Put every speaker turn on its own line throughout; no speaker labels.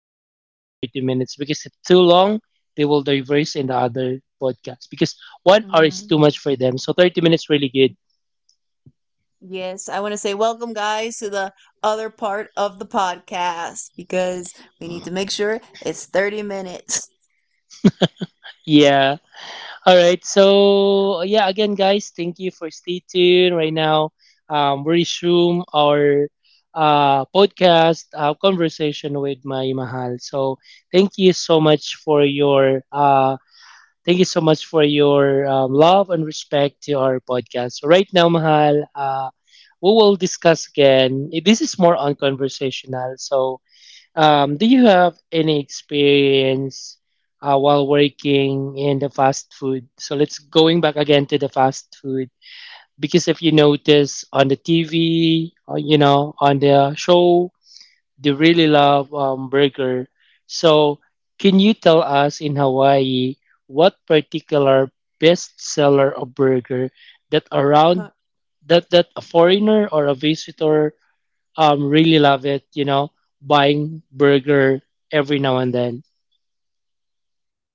they really spend 30 minutes, because if too long, they will diverse in the other podcast, because 1 hour is
Mhm.
too much for them, so 30 minutes really good.
Yes, I want to say welcome, guys, to the other part of the podcast because we need to make sure it's 30 minutes.
Yeah. All right, so yeah, again guys, thank you for stay tuned right now. We resume our podcast conversation with my mahal. So thank you so much for your uh, Thank you so much for your love and respect to our podcast. So right now, Mahal, we will discuss again. This is more unconversational. So, do you have any experience while working in the fast food? So let's going back again to the fast food, because if you notice on the TV, or, you know, on the show, they really love burger. So, can you tell us in Hawaii what particular best seller of burger that around that a foreigner or a visitor really love it? You know, buying burger every now and then.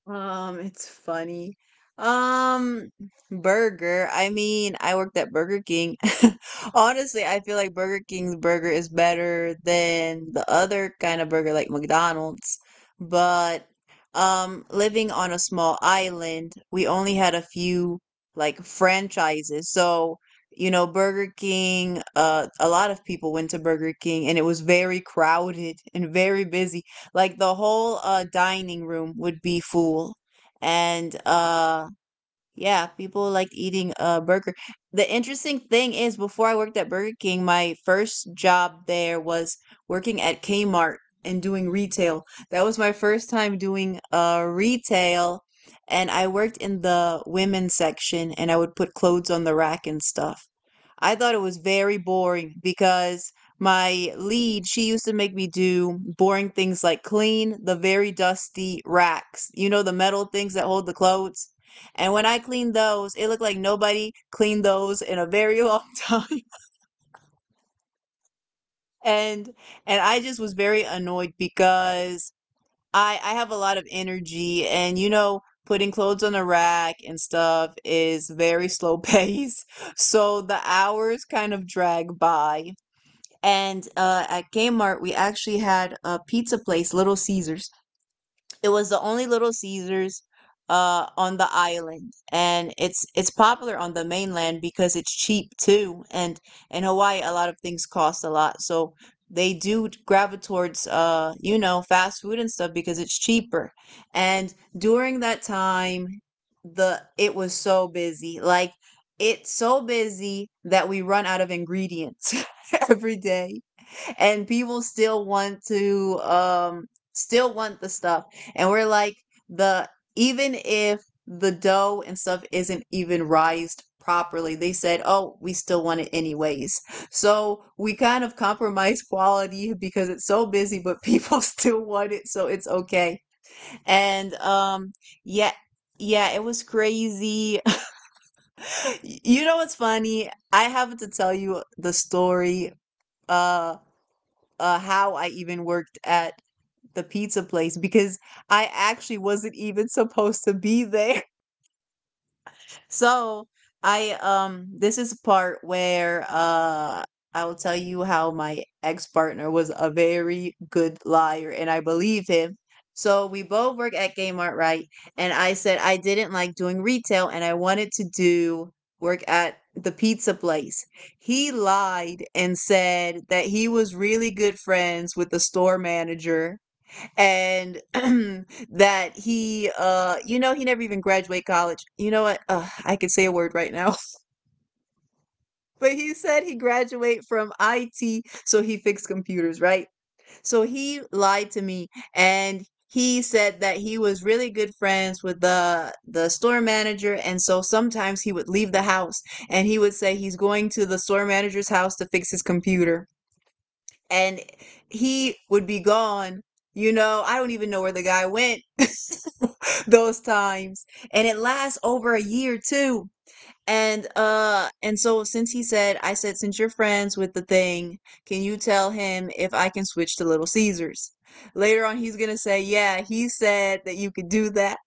It's funny. Um, Burger. I mean, I worked at Burger King. Honestly, I feel like Burger King's burger is better than the other kind of burger like McDonald's. But living on a small island, we only had a few like franchises. So, you know, Burger King, a lot of people went to Burger King and it was very crowded and very busy. Like the whole dining room would be full and yeah, people like eating a burger. The interesting thing is, before I worked at Burger King, my first job there was working at Kmart and doing retail. That was my first time doing retail, and I worked in the women's section and I would put clothes on the rack and stuff. I thought it was very boring because my lead, she used to make me do boring things like clean the very dusty racks. You know, the metal things that hold the clothes. And when I cleaned those, it looked like nobody cleaned those in a very long time. And and I just was very annoyed because I have a lot of energy, and you know, putting clothes on a rack and stuff is very slow pace. So the hours kind of drag by. And at Kmart, we actually had a pizza place, Little Caesars. It was the only Little Caesars on the island, and it's popular on the mainland because it's cheap too. And in Hawaii a lot of things cost a lot, so they do gravitate towards you know, fast food and stuff because it's cheaper. And during that time, the it was so busy, like it's so busy that we run out of ingredients every day, and people still want to still want the stuff, and we're like, the even if the dough and stuff isn't even rised properly, they said, "Oh, we still want it anyways." So we kind of compromise quality because it's so busy, but people still want it, so it's okay. And yeah, yeah, it was crazy. You know what's funny, I have to tell you the story uh how I even worked at the pizza place, because I actually wasn't even supposed to be there. So I, this is a part where I will tell you how my ex partner was a very good liar and I believe him. So we both work at Kmart, right? And I said I didn't like doing retail and I wanted to do work at the pizza place. He lied and said that he was really good friends with the store manager and that he, you know, he never even graduated college. You know what, I could say a word right now, but he said he graduated from it. So he fixed computers, right? So he lied to me, and he said that he was really good friends with the store manager, and so sometimes he would leave the house and he would say he's going to the store manager's house to fix his computer, and he would be gone. You know, I don't even know where the guy went those times. And it lasts over a year too. And so since he said, I said, since you're friends with the thing, can you tell him if I can switch to Little Caesars? Later on he's going to say, "Yeah, he said that you could do that."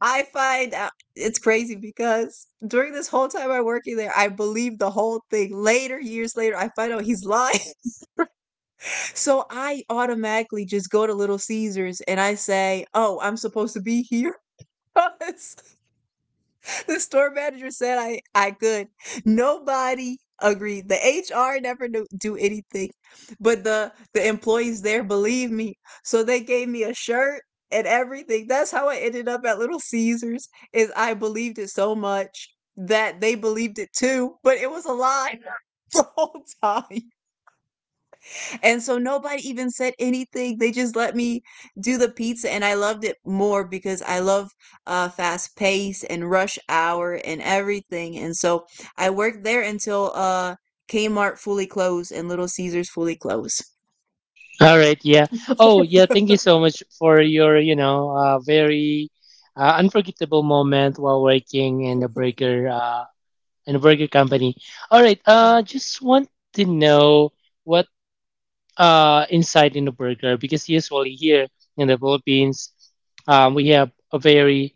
I find out it's crazy because during this whole time I'm working there, I believe the whole thing. Later, years later, I find out he's lying. So I automatically just go to Little Caesars and I say, "Oh, I'm supposed to be here 'cause the store manager said I could." Nobody agreed. The HR never knew, do anything, but the employees there believe me. So they gave me a shirt and everything. That's how I ended up at Little Caesars. Is I believed it so much that they believed it too, but it was a lie the whole time. And so nobody even said anything. They just let me do the pizza, and I loved it more because I love, fast pace and rush hour and everything, and so I worked there until, Kmart fully closed and Little Caesars fully closed.
All right, yeah. Oh, yeah. Thank you so much for your, you know, very unforgettable moment while working in the burger. And a burger company. All right. Just want to know what inside in the burger, because usually here in the Philippines, we have a very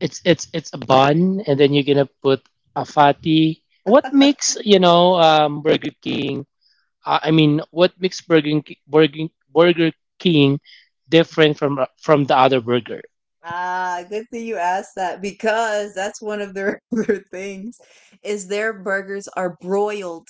it's a bun, and then you're gonna put a fatty. What makes, you know, Burger King? I mean, what makes Burger Ki- Burger Burger King different from the other burger?
Ah, good thing you asked that, because that's one of their their things is their burgers are broiled.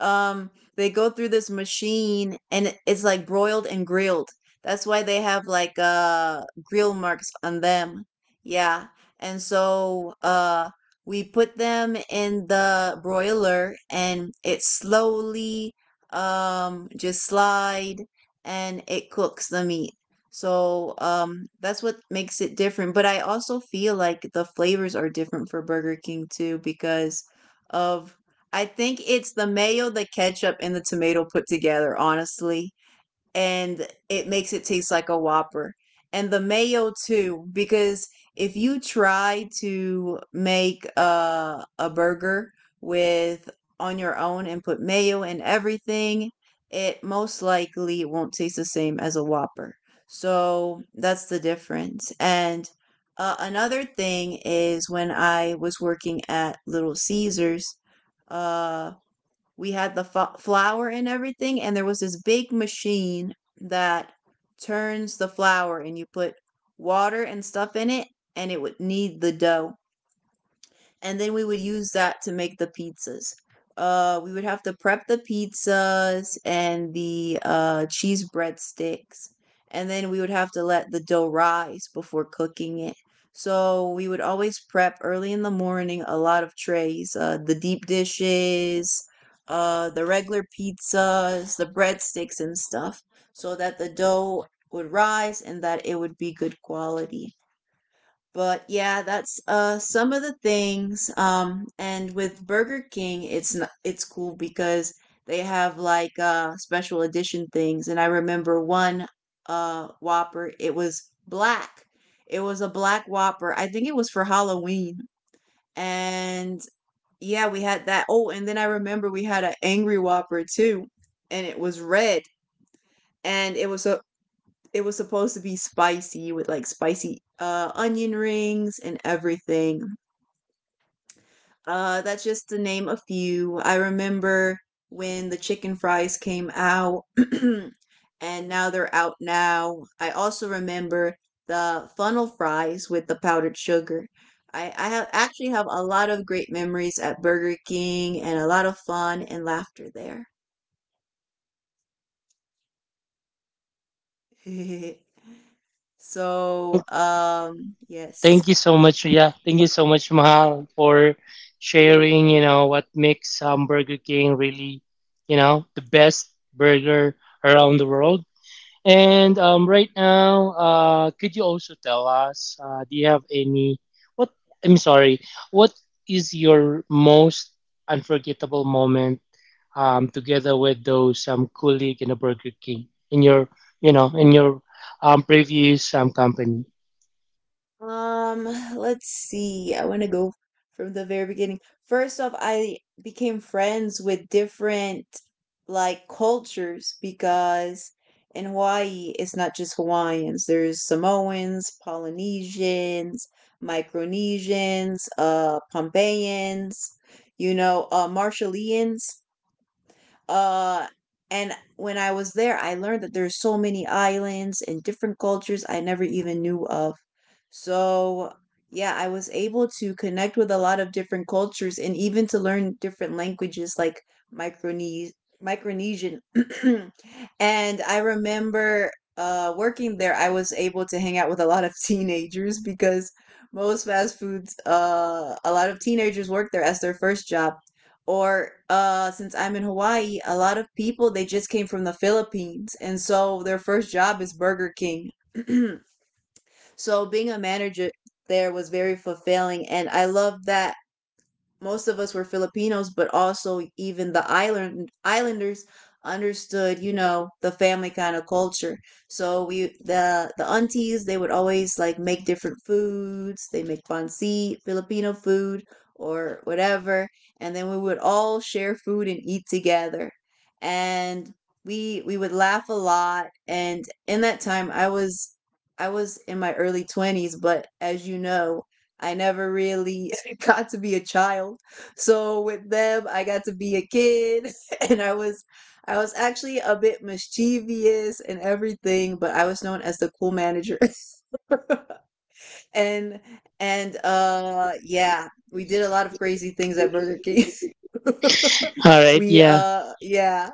um they go through this machine and it's like broiled and grilled. That's why they have like grill marks on them. Yeah. And so we put them in the broiler and it slowly just slide, and it cooks the meat. So that's what makes it different, but I also feel like the flavors are different for burger king too, because of, I think it's the mayo, the ketchup, and the tomato put together, honestly. And it makes it taste like a Whopper. And the mayo, too, because if you try to make a burger with on your own and put mayo and everything, it most likely won't taste the same as a Whopper. So that's the difference. And another thing is when I was working at Little Caesars, uh, we had the flour and everything, and there was this big machine that turns the flour and you put water and stuff in it, and it would knead the dough, and then we would use that to make the pizzas. We would have to prep the pizzas and the cheese breadsticks, and then we would have to let the dough rise before cooking it. So we would always prep early in the morning a lot of trays, the deep dishes, the regular pizzas, the breadsticks, and stuff, so that the dough would rise and that it would be good quality. But yeah, that's some of the things. And with Burger King, it's not, it's cool because they have like special edition things. And I remember one whopper, it was black. It was a black Whopper. I think it was for Halloween. And yeah, we had that. Oh, and then I remember we had an angry Whopper too, and it was red, and it was a it was supposed to be spicy with like spicy onion rings and everything. That's just to name a few. I remember when the chicken fries came out, and now they're out now. I also remember the funnel fries with the powdered sugar. I have actually have a lot of great memories at Burger King and a lot of fun and laughter there. So,
Thank. Thank
yes.
you so much. Yeah, thank you so much, Mahal, for sharing. You know what makes Burger King really, you know, the best burger around the world. And right now, could you also tell us? Do you have any? What I'm sorry. What is your most unforgettable moment, together with those colleague in a Burger King in your, you know, in your previous company?
Um, let's see. I want to go from the very beginning. First off, I became friends with different like cultures, because in Hawaii it's not just Hawaiians. There's Samoans, Polynesians, Micronesians, Pompeians, you know, Marshallians. Uh, and when I was there, I learned that there's so many islands and different cultures I never even knew of. So, yeah, I was able to connect with a lot of different cultures and even to learn different languages, like Micronese Micronesian. And I remember working there, I was able to hang out with a lot of teenagers because most fast foods, a lot of teenagers work there as their first job. Or since I'm in Hawaii, a lot of people, they just came from the Philippines, and so their first job is Burger King. So being a manager there was very fulfilling, and I love that most of us were Filipinos, but also even the islanders understood, you know, the family kind of culture. So we the aunties, they would always like make different foods. They make pancit, Filipino food or whatever, and then we would all share food and eat together. And we would laugh a lot, and in that time I was in my early 20s, but as you know, I never really got to be a child. So with them, I got to be a kid and I was actually a bit mischievous and everything, but I was known as the cool manager. and and yeah, we did a lot of crazy things at Burger King.
All right.
We
Yeah.
yeah,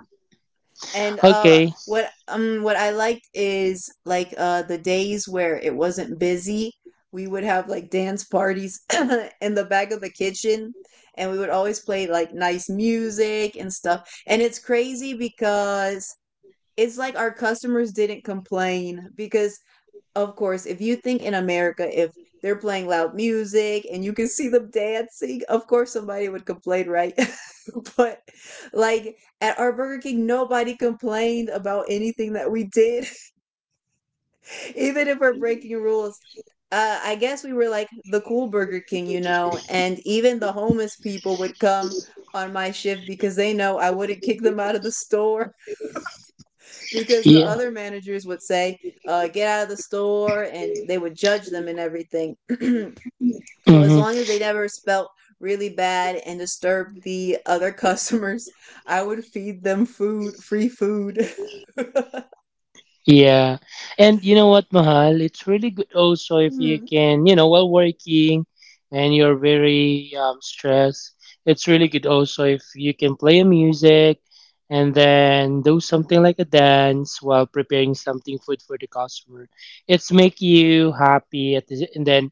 and
Okay.
what I liked is like the days where it wasn't busy, we would have like dance parties in the back of the kitchen, and we would always play like nice music and stuff. And it's crazy because it's like our customers didn't complain because of course, if you think in America, if they're playing loud music and you can see them dancing, of course somebody would complain, right? But like at our Burger King, nobody complained about anything that we did, even if we're breaking rules. I guess we were like the cool Burger King, and even the homeless people would come on my shift because they know I wouldn't kick them out of the store because the
Yeah.
other managers would say, get out of the store, and they would judge them and everything. So as
Hmm.
long as they never spelt really bad and disturbed the other customers, I would feed them food, free food.
Yeah. And you know what, Mahal? It's really good also if you
Mm-hmm,
can, you know, while working and you're very stressed, it's really good also if you can play a music, and then do something like a dance while preparing something food for the customer. It's make you happy at the, and then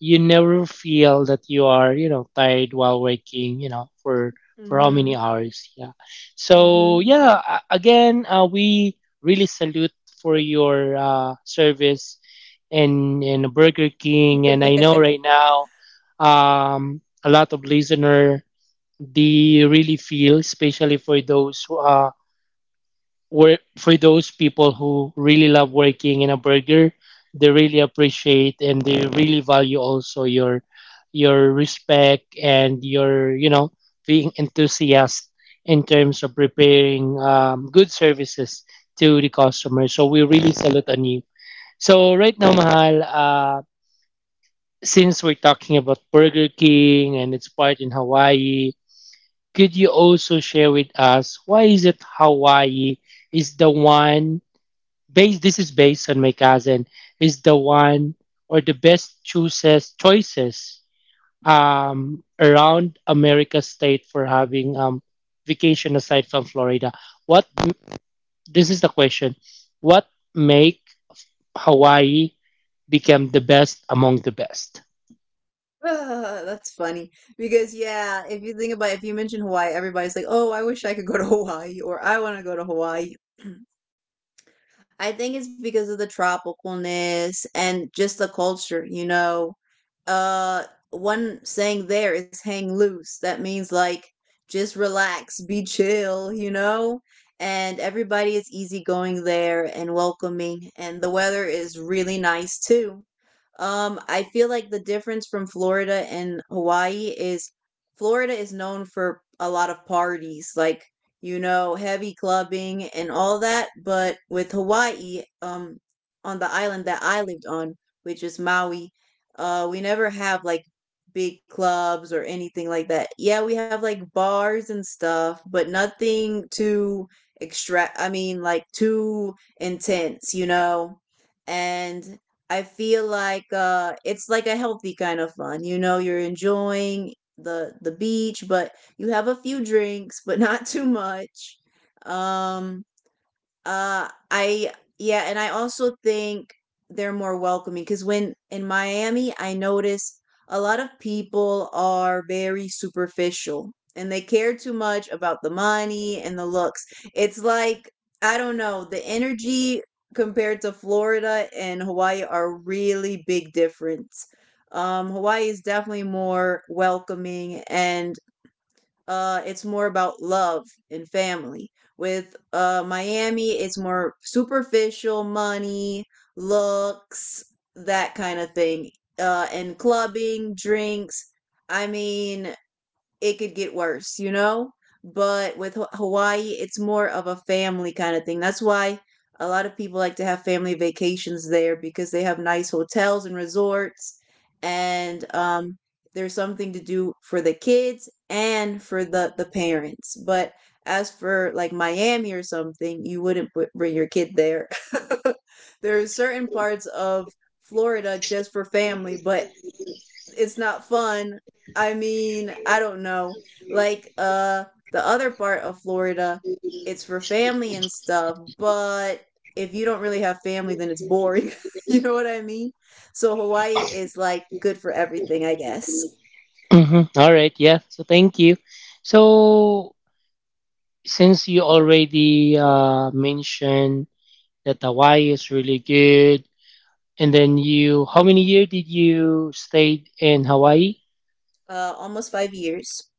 you never feel that you are, you know, tired while working, you know, for how many
mm-hmm.
hours. Yeah. So
Mm-hmm.
yeah, again, we really salute for your service in Burger King. And I know right now a lot of listener, they really feel, especially for those people who really love working in a burger, they really appreciate and they really value also your respect and your, you know, being enthusiast in terms of preparing good services to the customer. So we really salute on you. So right now, Mahal, since we're talking about Burger King and its part in Hawaii, could you also share with us why is it Hawaii is the one Base. This is based on my cousin, is the one or the best chooses choices around America state for having vacation aside from Florida. What this is the question? What make Hawaii become the best among the best?
Ah, that's funny because yeah, if you think about it, if you mention Hawaii, everybody's like, "Oh, I wish I could go to Hawaii," or "I want to go to Hawaii." I think it's because of the tropicalness and just the culture, you know. Uh One saying there is hang loose. That means like just relax, be chill, you know? And everybody is easygoing there and welcoming and the weather is really nice too. I feel like the difference from Florida and Hawaii is Florida is known for a lot of parties, like you know, heavy clubbing and all that. But with Hawaii, on the island that I lived on, which is Maui, we never have like big clubs or anything like that. Yeah, we have like bars and stuff, but nothing too extra, I mean, like too intense, you know? And I feel like it's like a healthy kind of fun. You know, you're enjoying the beach, but you have a few drinks, but not too much. Um, I Yeah, and I also think they're more welcoming because when in Miami, I notice a lot of people are very superficial and they care too much about the money and the looks. It's like I don't know, the energy compared to Florida and Hawaii are really big difference. Hawaii is definitely more welcoming and it's more about love and family. With Miami, it's more superficial, money, looks, that kind of thing. And clubbing, drinks. I mean, it could get worse, you know? But with Hawaii, it's more of a family kind of thing. That's why a lot of people like to have family vacations there because they have nice hotels and resorts. And there's something to do for the kids and for the parents. But as for like Miami or something, you wouldn't put, bring your kid there. There are certain parts of Florida just for family, but it's not fun. I mean, I don't know. Like the other part of Florida, it's for family and stuff, but if you don't really have family then it's boring. You know what I mean? So Hawaii is like good for everything, I guess.
Hmm. All right, yeah. So thank you. So since you already mentioned that Hawaii is really good. And then you, how many year did you stay in Hawaii?
Almost 5 years.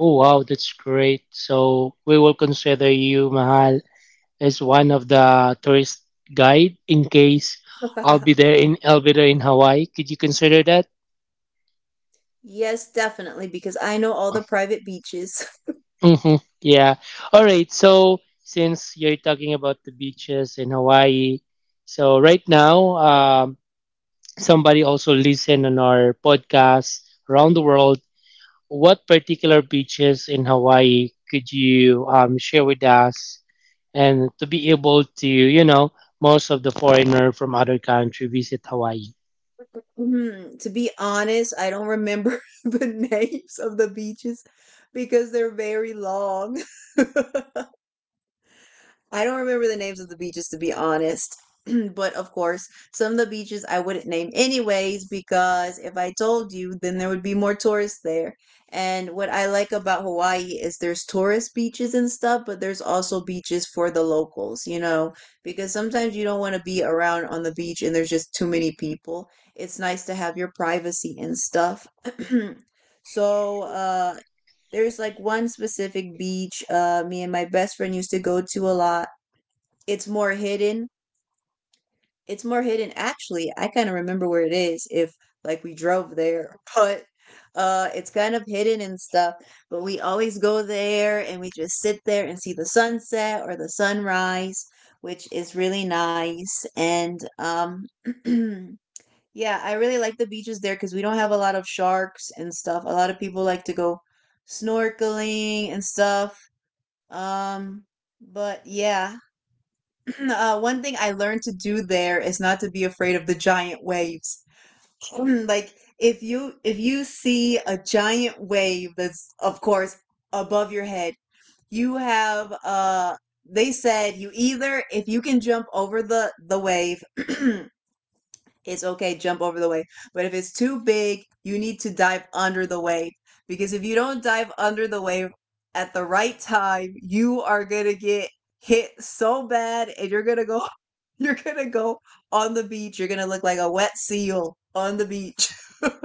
Oh wow, that's great. So we will consider you, Mahal, as one of the tourist guide in case I'll be there in Hawaii. Could you consider that?
Yes, definitely because I know all the private beaches.
Mm-hmm. Yeah. All right. So since you're talking about the beaches in Hawaii, so right now, somebody also listen on our podcast around the world, what particular beaches in Hawaii could you share with us? And to be able to, you know, most of the foreigner from other country visit Hawaii.
Mm, to be honest, I don't remember the names of the beaches because they're very long. I don't remember the names of the beaches to be honest. But of course, some of the beaches I wouldn't name anyways because if I told you, then there would be more tourists there. And what I like about Hawaii is there's tourist beaches and stuff, but there's also beaches for the locals, you know, because sometimes you don't want to be around on the beach and there's just too many people. It's nice to have your privacy and stuff. So, there's like one specific beach me and my best friend used to go to a lot, it's more hidden. It's more hidden. Actually, I kind of remember where it is if like we drove there, but it's kind of hidden and stuff. But we always go there and we just sit there and see the sunset or the sunrise, which is really nice. And yeah, I really like the beaches there because we don't have a lot of sharks and stuff. A lot of people like to go snorkeling and stuff. Um but yeah, one thing I learned to do there is not to be afraid of the giant waves. Like if you see a giant wave that's of course above your head, you have they said you either if you can jump over the wave. It's okay, jump over the wave, but if it's too big you need to dive under the wave, because if you don't dive under the wave at the right time you are going to get hit so bad, and you're going to go you're going to go on the beach, you're going to look like a wet seal on the beach.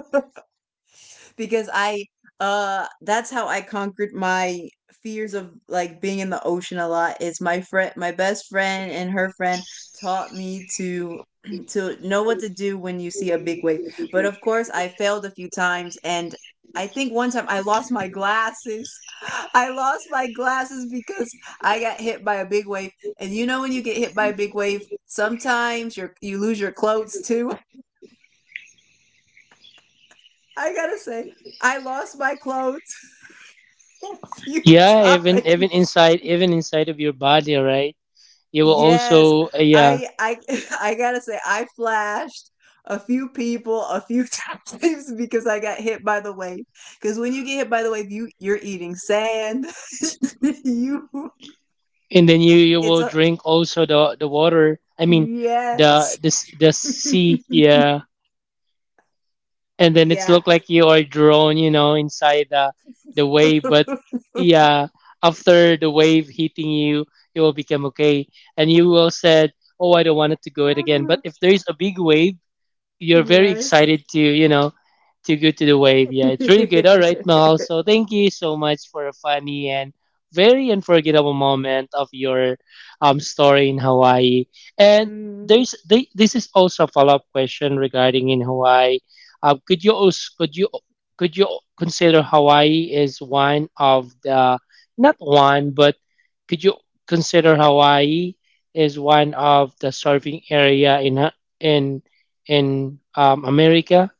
Because I that's how I conquered my fears of like being in the ocean a lot is my best friend and her friend taught me to to know what to do when you see a big wave. But of course I failed a few times and I think one time I lost my glasses. I lost my glasses because I got hit by a big wave. And you know when you get hit by a big wave, sometimes you lose your clothes too. I got to say I lost my clothes a few
Yeah,
times.
even inside of your body, right? You will
Yes,
also yeah,
I I gotta say I flashed a few people a few times because I got hit by the wave. Because when you get hit by the wave, you're eating sand. you
and then you
it's
will
a
drink also the water. I mean, the
Yes,
the s- the sea. Yeah, and then it's
yeah,
look like you are drawn, you know, inside the wave. But yeah, after the wave hitting you, you will become okay, and you will said, "Oh, I don't want it to go it again." But if there is a big wave, you're very
yes.
excited to, you know, to go to the wave. Yeah, it's really good. All right, Mel. So thank you so much for a funny and very unforgettable moment of your story in Hawaii. And
Mm.
this is also a follow up question regarding in Hawaii. Could you also could you consider Hawaii is one of the, not one, but could you consider Hawaii is one of the surfing area in America.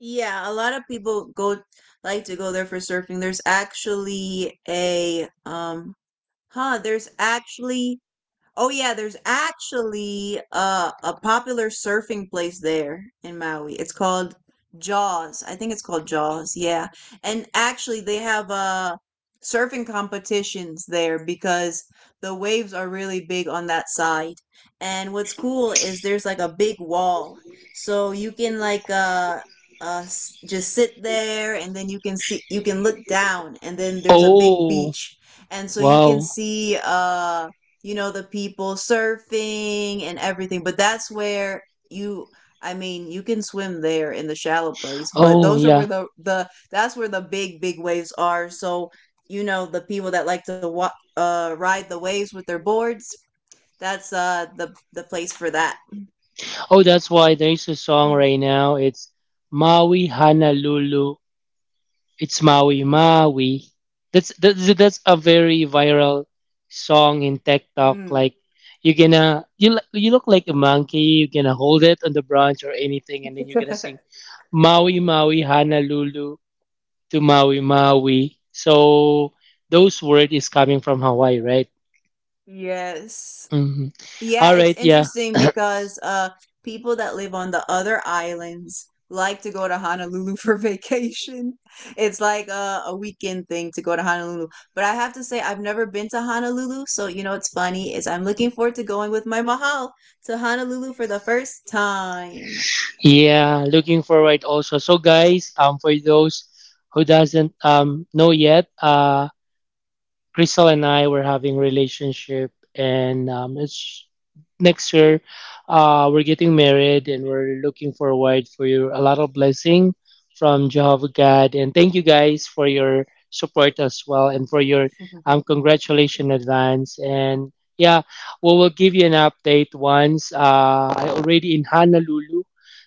Yeah, a lot of people go like to go there for surfing. There's actually a um huh, there's actually oh yeah, there's actually a popular surfing place there in Maui. It's called Jaws. I think it's called Jaws. Yeah, and actually they have surfing competitions there because the waves are really big on that side. And what's cool is there's like a big wall, so you can like just sit there and then you can see, you can look down and then there's a big
Oh,
beach, and so you can
wow.
see you know, the people surfing and everything. But that's where you, I mean, you can swim there in the shallow place, but
Oh,
those are where
yeah.
that's where the big, big waves are. So, you know, the people that like to ride the waves with their boards, that's the place for that.
Oh, that's why there's a song right now. It's Maui Honolulu. It's Maui Maui. That's a very viral song in TikTok.
Mm,
Like you look like a monkey. You're gonna hold it on the branch or anything, and then you're gonna sing Maui Maui Honolulu to Maui Maui. So those word is coming from Hawaii, right?
yes.
Mhm.
Yeah,
All
it's
right, yeah.
interesting because people that live on the other islands like to go to Honolulu for vacation. It's like a weekend thing to go to Honolulu. But I have to say, I've never been to Honolulu. So, you know, what's funny is I'm looking forward to going with my mahal to Honolulu for the first time.
Yeah, looking forward also. So guys, for those who doesn't know yet, Crystal and I were having relationship, and it's next year, we're getting married, and we're looking forward for your, a lot of blessing from Jehovah God. And thank you guys for your support as well, and for your congratulations in advance. And yeah, we will give you an update once I already in Honolulu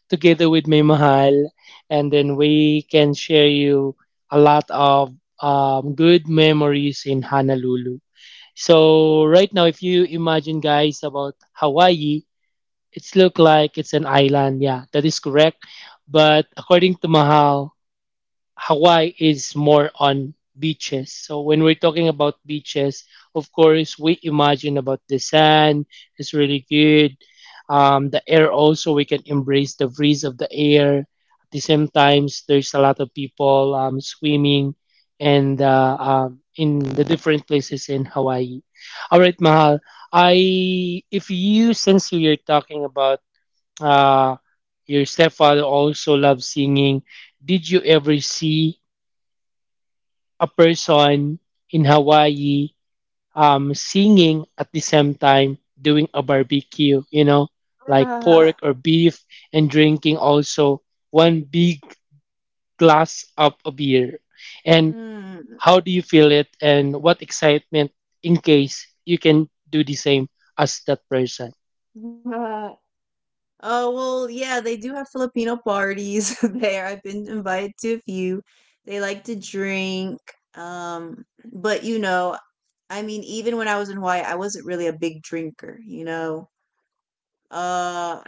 together with my mahal, and then we can share you a lot of good memories in Honolulu. So right now, if you imagine, guys, about Hawaii, it's look like it's an island. Yeah, that is correct. But according to Mahal, Hawaii is more on beaches. So when we're talking about beaches, of course, we imagine about the sand is really good. The air also, we can embrace the breeze of the air. At the same times, there's a lot of people swimming, and in the different places in Hawaii. All right, Mahal. I if you Since you're talking about uh, your stepfather also loves singing, did you ever see a person in Hawaii singing at the same time doing a barbecue, you know, like
Uh,
pork or beef, and drinking also one big glass of a beer. And
mm,
how do you feel it and what excitement in case you can do the same as that person?
uh, oh well, yeah, they do have Filipino parties there. I've been invited to a few. They like to drink. Um, but you know, I mean, even when I was in Hawaii, I wasn't really a big drinker, you know. Uh,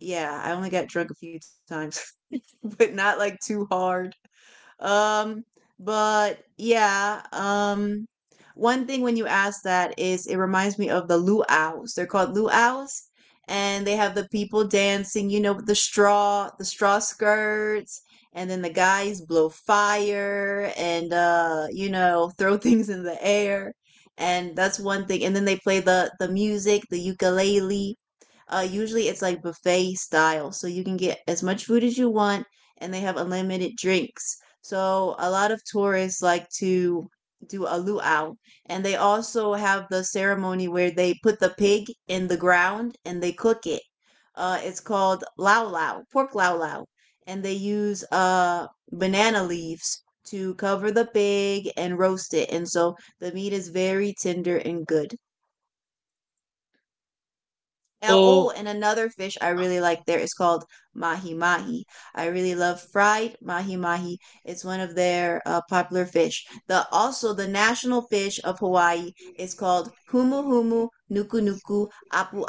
yeah, I only got drunk a few times, but not like too hard. Um, but yeah, one thing when you ask that is it reminds me of the luau's. They're called luau's, and they have the people dancing, you know, with the straw skirts, and then the guys blow fire and you know, throw things in the air. And that's one thing. And then they play the music, the ukulele. Usually it's like buffet style, so you can get as much food as you want, and they have unlimited drinks. So a lot of tourists like to do a luau, and they also have the ceremony where they put the pig in the ground and they cook it. It's called lau lau, pork lau lau, and they use banana leaves to cover the pig and roast it, and so the meat is very tender and good. Now, oh,
Oh
and another fish I really like there is called mahi mahi. I really love fried mahi mahi. It's one of their popular fish. The also the national fish of Hawaii is called humu humu nuku nuku apu.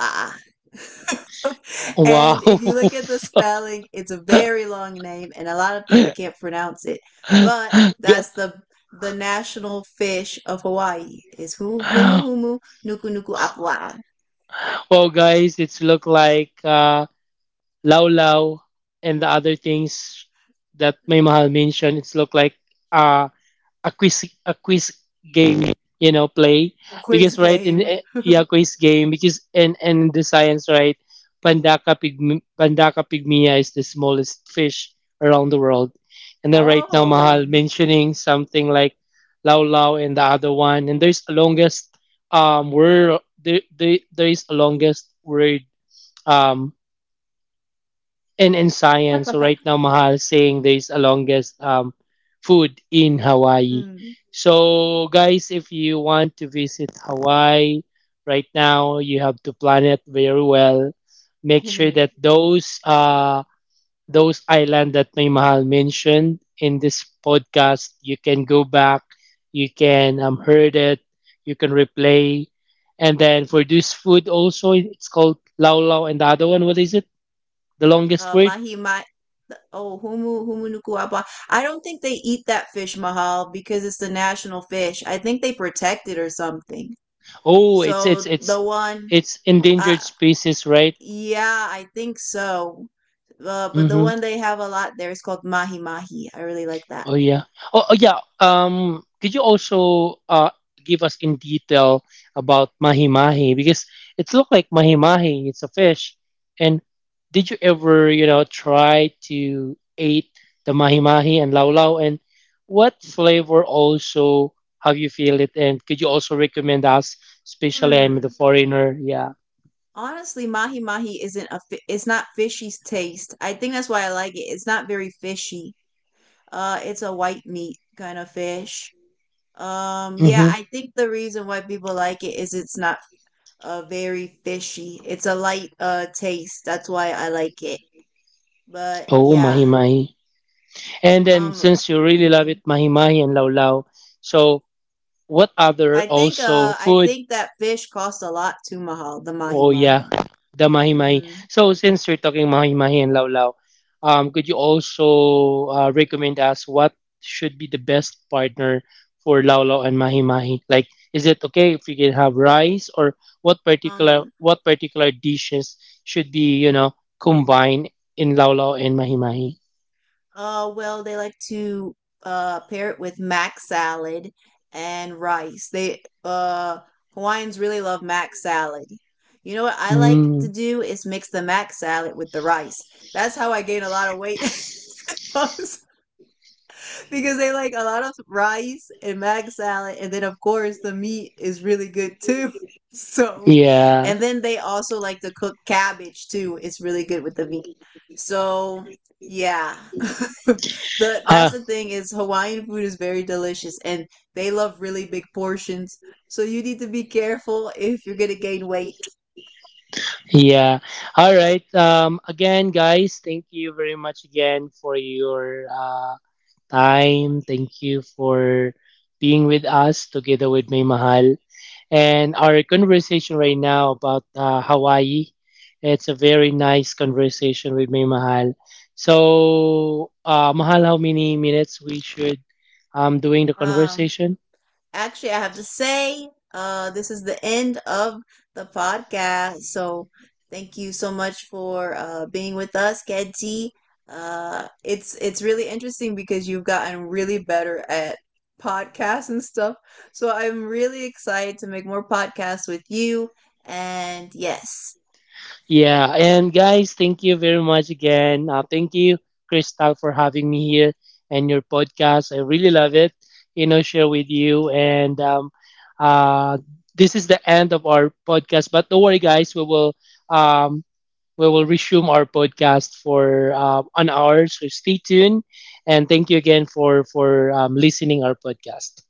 wow.
And if you look at the spelling, it's a very long name, and a lot of people
G-
can't pronounce it. But that's the national fish of Hawaii is humu humu nuku nuku apu.
Well, guys, it's look like Lao Lao, and the other things that May Mahal mentioned, it's look like uh, a quiz game, you know, play, because
Quiz
right in
game.
yeah, quiz game, because and the science, right? Pandaka pygmy, Pandaka pygmia is the smallest fish around the world, and then right now Mahal
Oh.
mentioning something like Lao Lao and the other one, and there's a longest word there. There is a longest word, um and in science. So right now, Mahal saying there's a longest food in Hawaii.
Mm.
So guys, if you want to visit Hawaii right now, you have to plan it very well. Make sure that those island that May Mahal mentioned in this podcast, you can go back, you can heard it, you can replay. And then for this food also, it's called lau lau, and the other one, what is it, the longest word?
Mahi ma oh, humu humu nuku apa. I don't think they eat that fish, Mahal, because it's the national fish. I think they protect it or something.
Oh,
So the one,
it's endangered
uh,
species, right?
yeah, I think so. But the
Mm-hmm.
one they have a lot there is called mahi mahi. I really like that.
Oh yeah. Oh, oh yeah. Could you also give us in detail about mahi mahi, because it looked like mahi mahi. It's a fish, and did you ever, you know, try to eat the mahi mahi and lao lao? And what flavor also have you feel it? And could you also recommend us, especially I'm the
Hmm.
foreigner? Yeah.
Honestly, mahi mahi isn't a fi- it's not fishy's taste. I think that's why I like it. It's not very fishy. It's a white meat kind of fish. Yeah,
Mm-hmm.
I think the reason why people like it is it's not very fishy. It's a light taste. That's why I like it. But
Oh, mahi
yeah,
mahi. And then
um,
since you really love it,
mm,
mahi mahi and lao. So what other also
I
food?
think that fish cost a lot to Mahal, the mahi
Oh yeah,
mahi.
the mahi mahi.
Mm-hmm.
So since we are talking mahi mahi and lao, could you also recommend us what should be the best partner for lao and mahi mahi? Like, is it okay if we can have rice, or
Um,
what particular dishes should be, you know, combined in lao and mahi mahi?
Well, they like to pair it with mac salad and rice. They Hawaiians really love mac salad. You know what I like to
Mm,
do is mix the mac salad with the rice. That's how I gain a lot of weight. Because they like a lot of rice and mag salad, and then of course the meat is really good too. So,
yeah.
and then they also like to cook cabbage too. It's really good with the meat. So, yeah. the That's the thing is Hawaiian food is very delicious and they love really big portions. So you need to be careful if you're going to gain weight.
Yeah. All right. Again, guys, thank you very much again for your time. Thank you for being with us together with May Mahal. And our conversation right now about Hawaii, it's a very nice conversation with May Mahal. So, Mahal, how many minutes we should doing the
Um
conversation?
Actually, I have to say, this is the end of the podcast. So thank you so much for being with us, Kedji. It's really interesting because you've gotten really better at podcasts and stuff. So I'm really excited to make more podcasts with you. And yes,
Yeah, and guys, thank you very much again. Thank you, Crystal, for having me here and your podcast. I really love it. You know, share with you, and uh, this is the end of our podcast. But don't worry, guys. Um, we will resume our podcast for an hour. So stay tuned, and thank you again for listening our podcast.